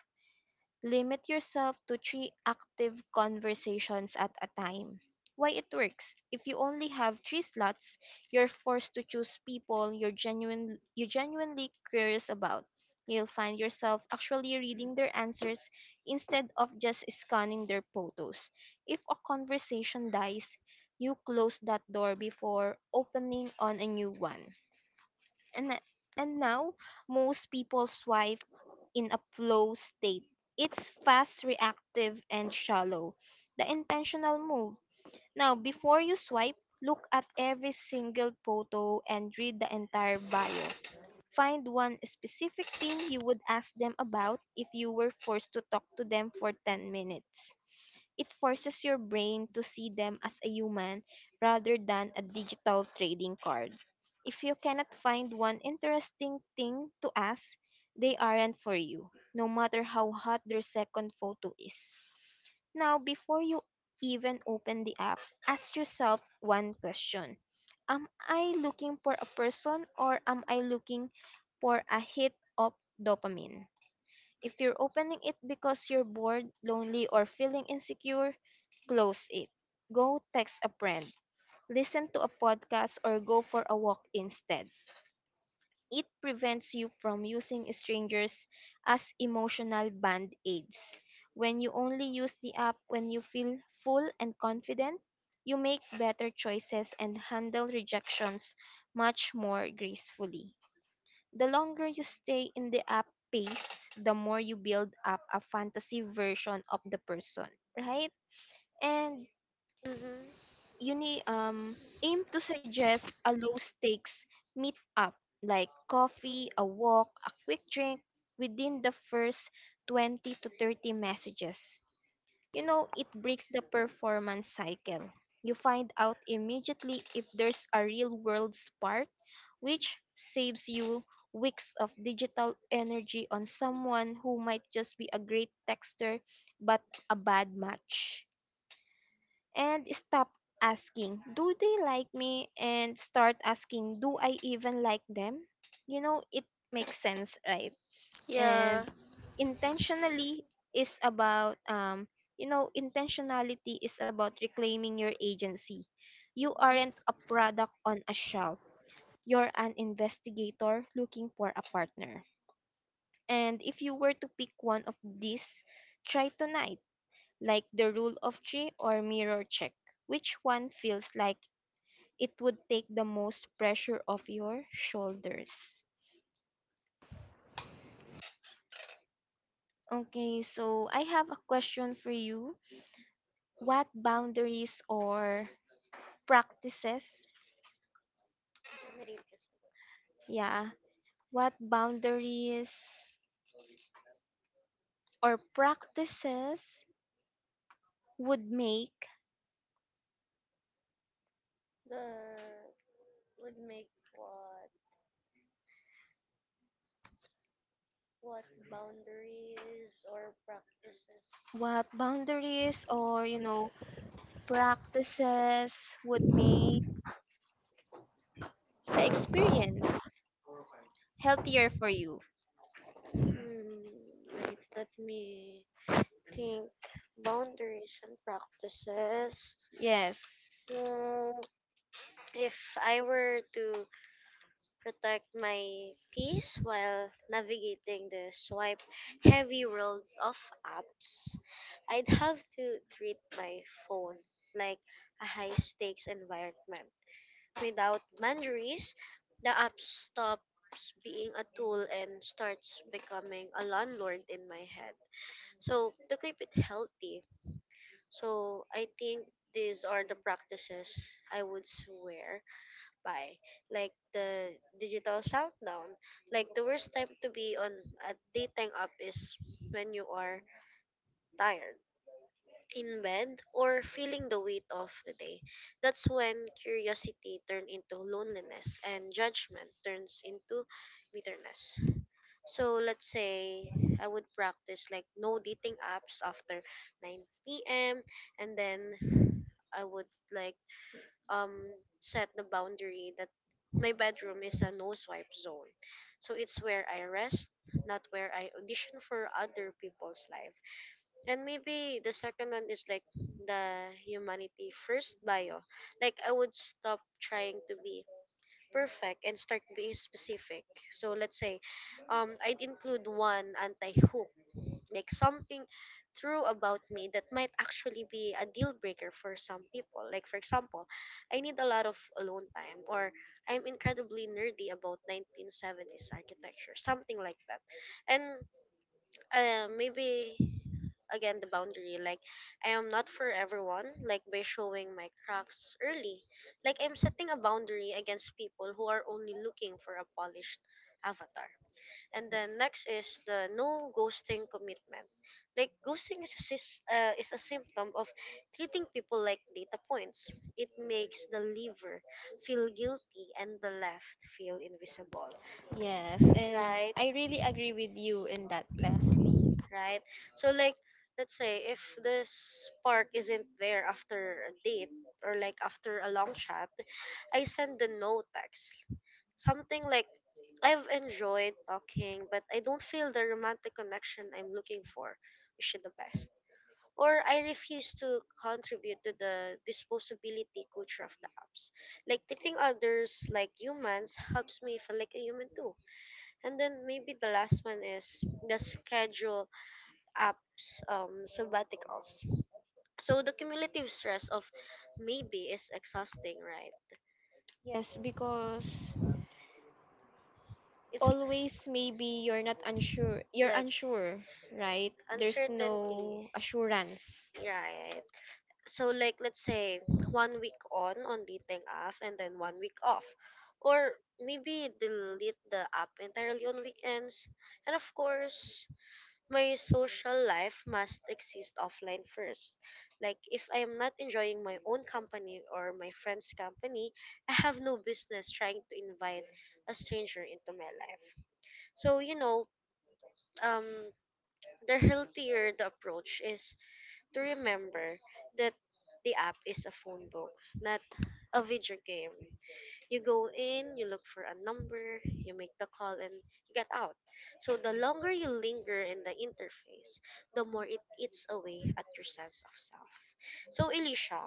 [SPEAKER 2] limit yourself to three active conversations at a time. Why it works: if you only have three slots, you're forced to choose people you're genuine you genuinely curious about. You'll find yourself actually reading their answers instead of just scanning their photos. If a conversation dies, you close that door before opening on a new one and and now most people swipe in a flow state. It's fast, reactive, and shallow. The intentional move: now, before you swipe, look at every single photo and read the entire bio. Find one specific thing you would ask them about if you were forced to talk to them for ten minutes. It forces your brain to see them as a human rather than a digital trading card. If you cannot find one interesting thing to ask, they aren't for you, no matter how hot their second photo is. Now, before you even open the app, ask yourself one question: am I looking for a person, or am I looking for a hit of dopamine? If you're opening it because you're bored, lonely, or feeling insecure, close it. Go text a friend, listen to a podcast, or go for a walk instead. It prevents you from using strangers as emotional band aids. When you only use the app when you feel full and confident, you make better choices and handle rejections much more gracefully. The longer you stay in the app space, the more you build up a fantasy version of the person, right? And
[SPEAKER 1] Mm-hmm.
[SPEAKER 2] you need um aim to suggest a low stakes meet up, like coffee, a walk, a quick drink, within the first twenty to thirty messages. You know, it breaks the performance cycle. You find out immediately if there's a real world spark, which saves you weeks of digital energy on someone who might just be a great texter but a bad match. And stop asking, do they like me? And start asking, do I even like them? You know, it makes sense, right?
[SPEAKER 1] Yeah.
[SPEAKER 2] And intentionally is about um you know intentionality is about reclaiming your agency. You aren't a product on a shelf, you're an investigator looking for a partner. And if you were to pick one of these try tonight, like the rule of three or mirror check, which one feels like it would take the most pressure off your shoulders? Okay, so I have a question for you. What boundaries or practices? Yeah, what boundaries or practices would make, what boundaries or you know practices would make the experience healthier for you?
[SPEAKER 1] Hmm. Wait, let me think. Boundaries and practices.
[SPEAKER 2] Yes.
[SPEAKER 1] Mm, if I were to protect my peace while navigating the swipe heavy world of apps, I'd have to treat my phone like a high stakes environment. Without boundaries, the app stops being a tool and starts becoming a landlord in my head. So, to keep it healthy, so I think these are the practices I would swear by, like the digital shutdown. Like the worst time to be on a dating app is when you are tired, in bed, or feeling the weight of the day. That's when curiosity turns into loneliness and judgment turns into bitterness. So let's say I would practice like no dating apps after nine p m, and then I would like um set the boundary that my bedroom is a no swipe zone. So it's where I rest, not where I audition for other people's life. And maybe the second one is like the humanity first bio. Like I would stop trying to be perfect and start being specific. So let's say um I'd include one anti hook, like something true about me that might actually be a deal breaker for some people, like for example, I need a lot of alone time, or I'm incredibly nerdy about nineteen seventies architecture, something like that. And uh, maybe again the boundary, like I am not for everyone. Like by showing my cracks early, like I'm setting a boundary against people who are only looking for a polished avatar. And then next is the no ghosting commitment. Like ghosting is a sys- uh, is a symptom of treating people like data points. It makes the liver feel guilty and the left feel invisible,
[SPEAKER 2] Yes, and
[SPEAKER 1] right?
[SPEAKER 2] I really agree with you in that Les.
[SPEAKER 1] Right? So like let's say if the spark isn't there after a date or like after a long chat, I send the no text. Something like, I've enjoyed talking, but I don't feel the romantic connection I'm looking for. Wish you the best. Or I refuse to contribute to the disposability culture of the apps. Like treating others like humans helps me feel like a human too. And then maybe the last one is the schedule apps um, sabbaticals. So the cumulative stress of maybe is exhausting, right?
[SPEAKER 2] Yes, because
[SPEAKER 1] It's
[SPEAKER 2] always maybe you're not unsure
[SPEAKER 1] like
[SPEAKER 2] you're unsure, right?
[SPEAKER 1] there's
[SPEAKER 2] There's
[SPEAKER 1] no uncertainty,
[SPEAKER 2] no assurance.
[SPEAKER 1] right? So like let's say one week on on dating app and then one week off, or maybe delete the app entirely on weekends. And of course my social life must exist offline first. Like if I am not enjoying my own company or my friend's company, I have no business trying to invite a stranger into my life. So you know, um the healthier the approach is to remember that the app is a phone book, not a video game. You go in, you look for a number, you make the call, and you get out. So the longer you linger in the interface, the more it eats away at your sense of self. So, Elisha,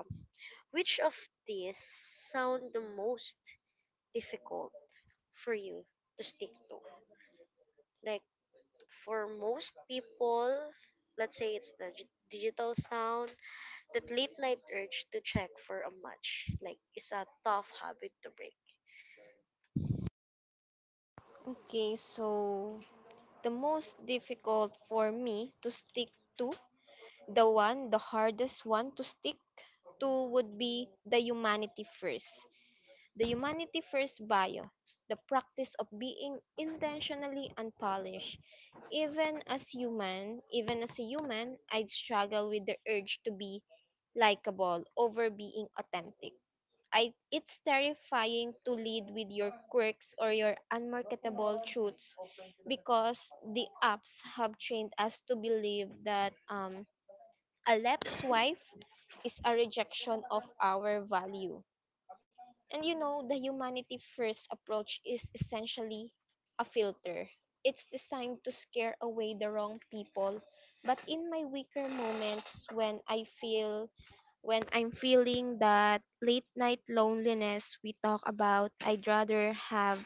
[SPEAKER 1] which of these sound the most difficult for you to stick to? Like for most people, let's say it's the gi- digital sound, that late night urge to check for a match, like is a tough habit to break.
[SPEAKER 2] Okay, so the most difficult for me to stick to, the one, the hardest one to stick to would be the humanity first, the Humanity First Bio, the practice of being intentionally unpolished. Even as human, even as a human, I'd struggle with the urge to be likable over being authentic. I, it's terrifying to lead with your quirks or your unmarketable truths because the apps have trained us to believe that um, a left swipe is a rejection of our value. And you know, the humanity first approach is essentially a filter. It's designed to scare away the wrong people. But in my weaker moments when I feel when I'm feeling that late night loneliness we talk about, I'd rather have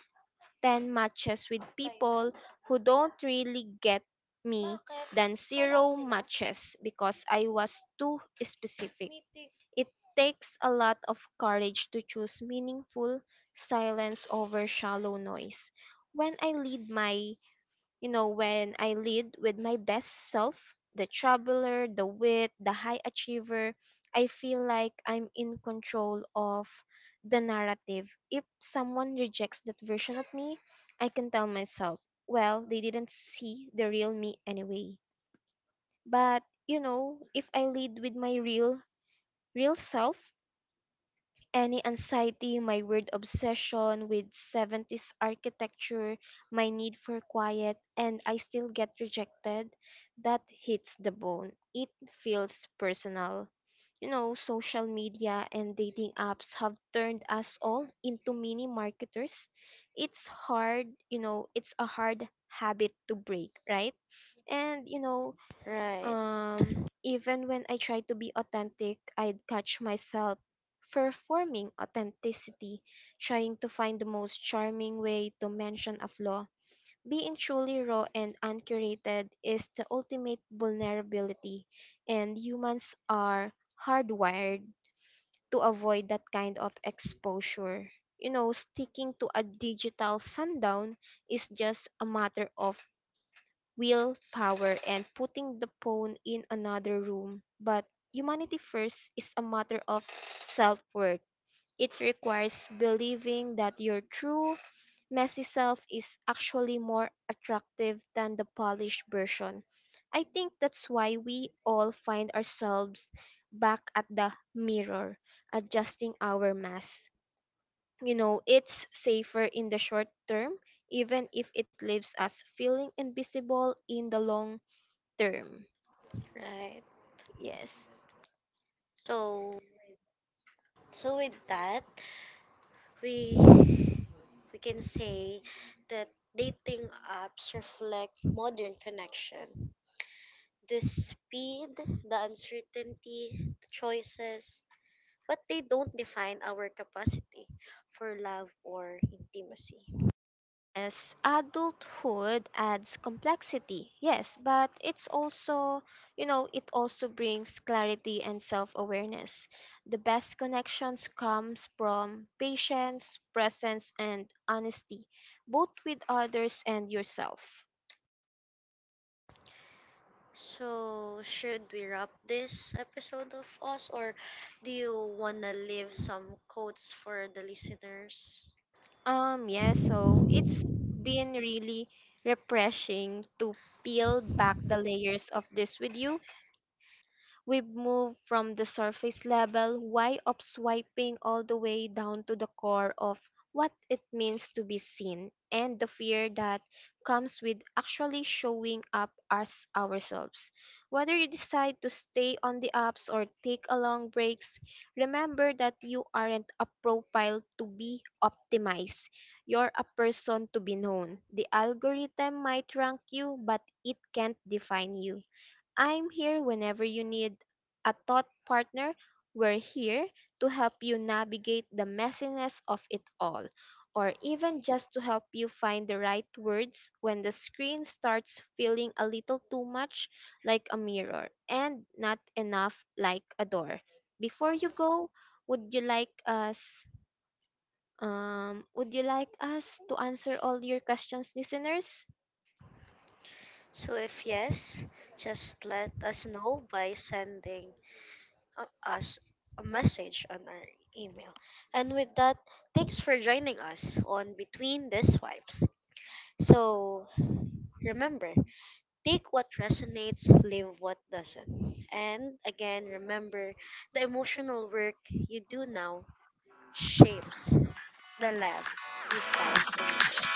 [SPEAKER 2] ten matches with people who don't really get me than zero matches because I was too specific. It takes a lot of courage to choose meaningful silence over shallow noise. When I lead my You know, when I lead with my best self, the traveler, the wit, the high achiever, I feel like I'm in control of the narrative. If someone rejects that version of me, I can tell myself, well, they didn't see the real me anyway. But, you know, if I lead with my real, real self, any anxiety, my weird obsession with seventies architecture, my need for quiet, and I still get rejected, that hits the bone. It feels personal. You know, social media and dating apps have turned us all into mini marketers. It's hard, you know, it's a hard habit to break, right? And, you know,
[SPEAKER 1] Right,
[SPEAKER 2] um, even when I tried to be authentic, I'd catch myself performing authenticity, trying to find the most charming way to mention a flaw. Being truly raw and uncurated is the ultimate vulnerability, and humans are hardwired to avoid that kind of exposure. You know, sticking to a digital sundown is just a matter of willpower and putting the phone in another room. But humanity first is a matter of self worth. It requires believing that your true, messy self is actually more attractive than the polished version. I think that's why we all find ourselves back at the mirror, adjusting our mask. You know, it's safer in the short term, even if it leaves us feeling invisible in the long term.
[SPEAKER 1] right.
[SPEAKER 2] Yes.
[SPEAKER 1] So, so with that, we we can say that dating apps reflect modern connection. The speed, the uncertainty, the choices, but they don't define our capacity for love or intimacy.
[SPEAKER 2] As adulthood adds complexity. Yes, but it's also, you know, it also brings clarity and self-awareness. The best connections comes from patience, presence and honesty, both with others and yourself.
[SPEAKER 1] So, should we wrap this episode of us, or do you want to leave some quotes for the listeners?
[SPEAKER 2] Um yeah, so been really refreshing to peel back the layers of this with you. We've moved from the surface level why of swiping all the way down to the core of what it means to be seen and the fear that comes with actually showing up as ourselves. Whether you decide to stay on the apps or take a long breaks, remember that you aren't a profile to be optimized. You're a person to be known. The algorithm might rank you, but it can't define you. I'm here whenever you need a thought partner. We're here to help you navigate the messiness of it all, or even just to help you find the right words when the screen starts feeling a little too much like a mirror and not enough like a door. Before you go, would you like us um would you like us to answer all your questions, listeners?
[SPEAKER 1] So, if yes, just let us know by sending uh, us a message on our email. And with that, thanks for joining us on Between the Swipes. So, remember, take what resonates, leave what doesn't. And again, remember the emotional work you do now shapes the love you find tomorrow.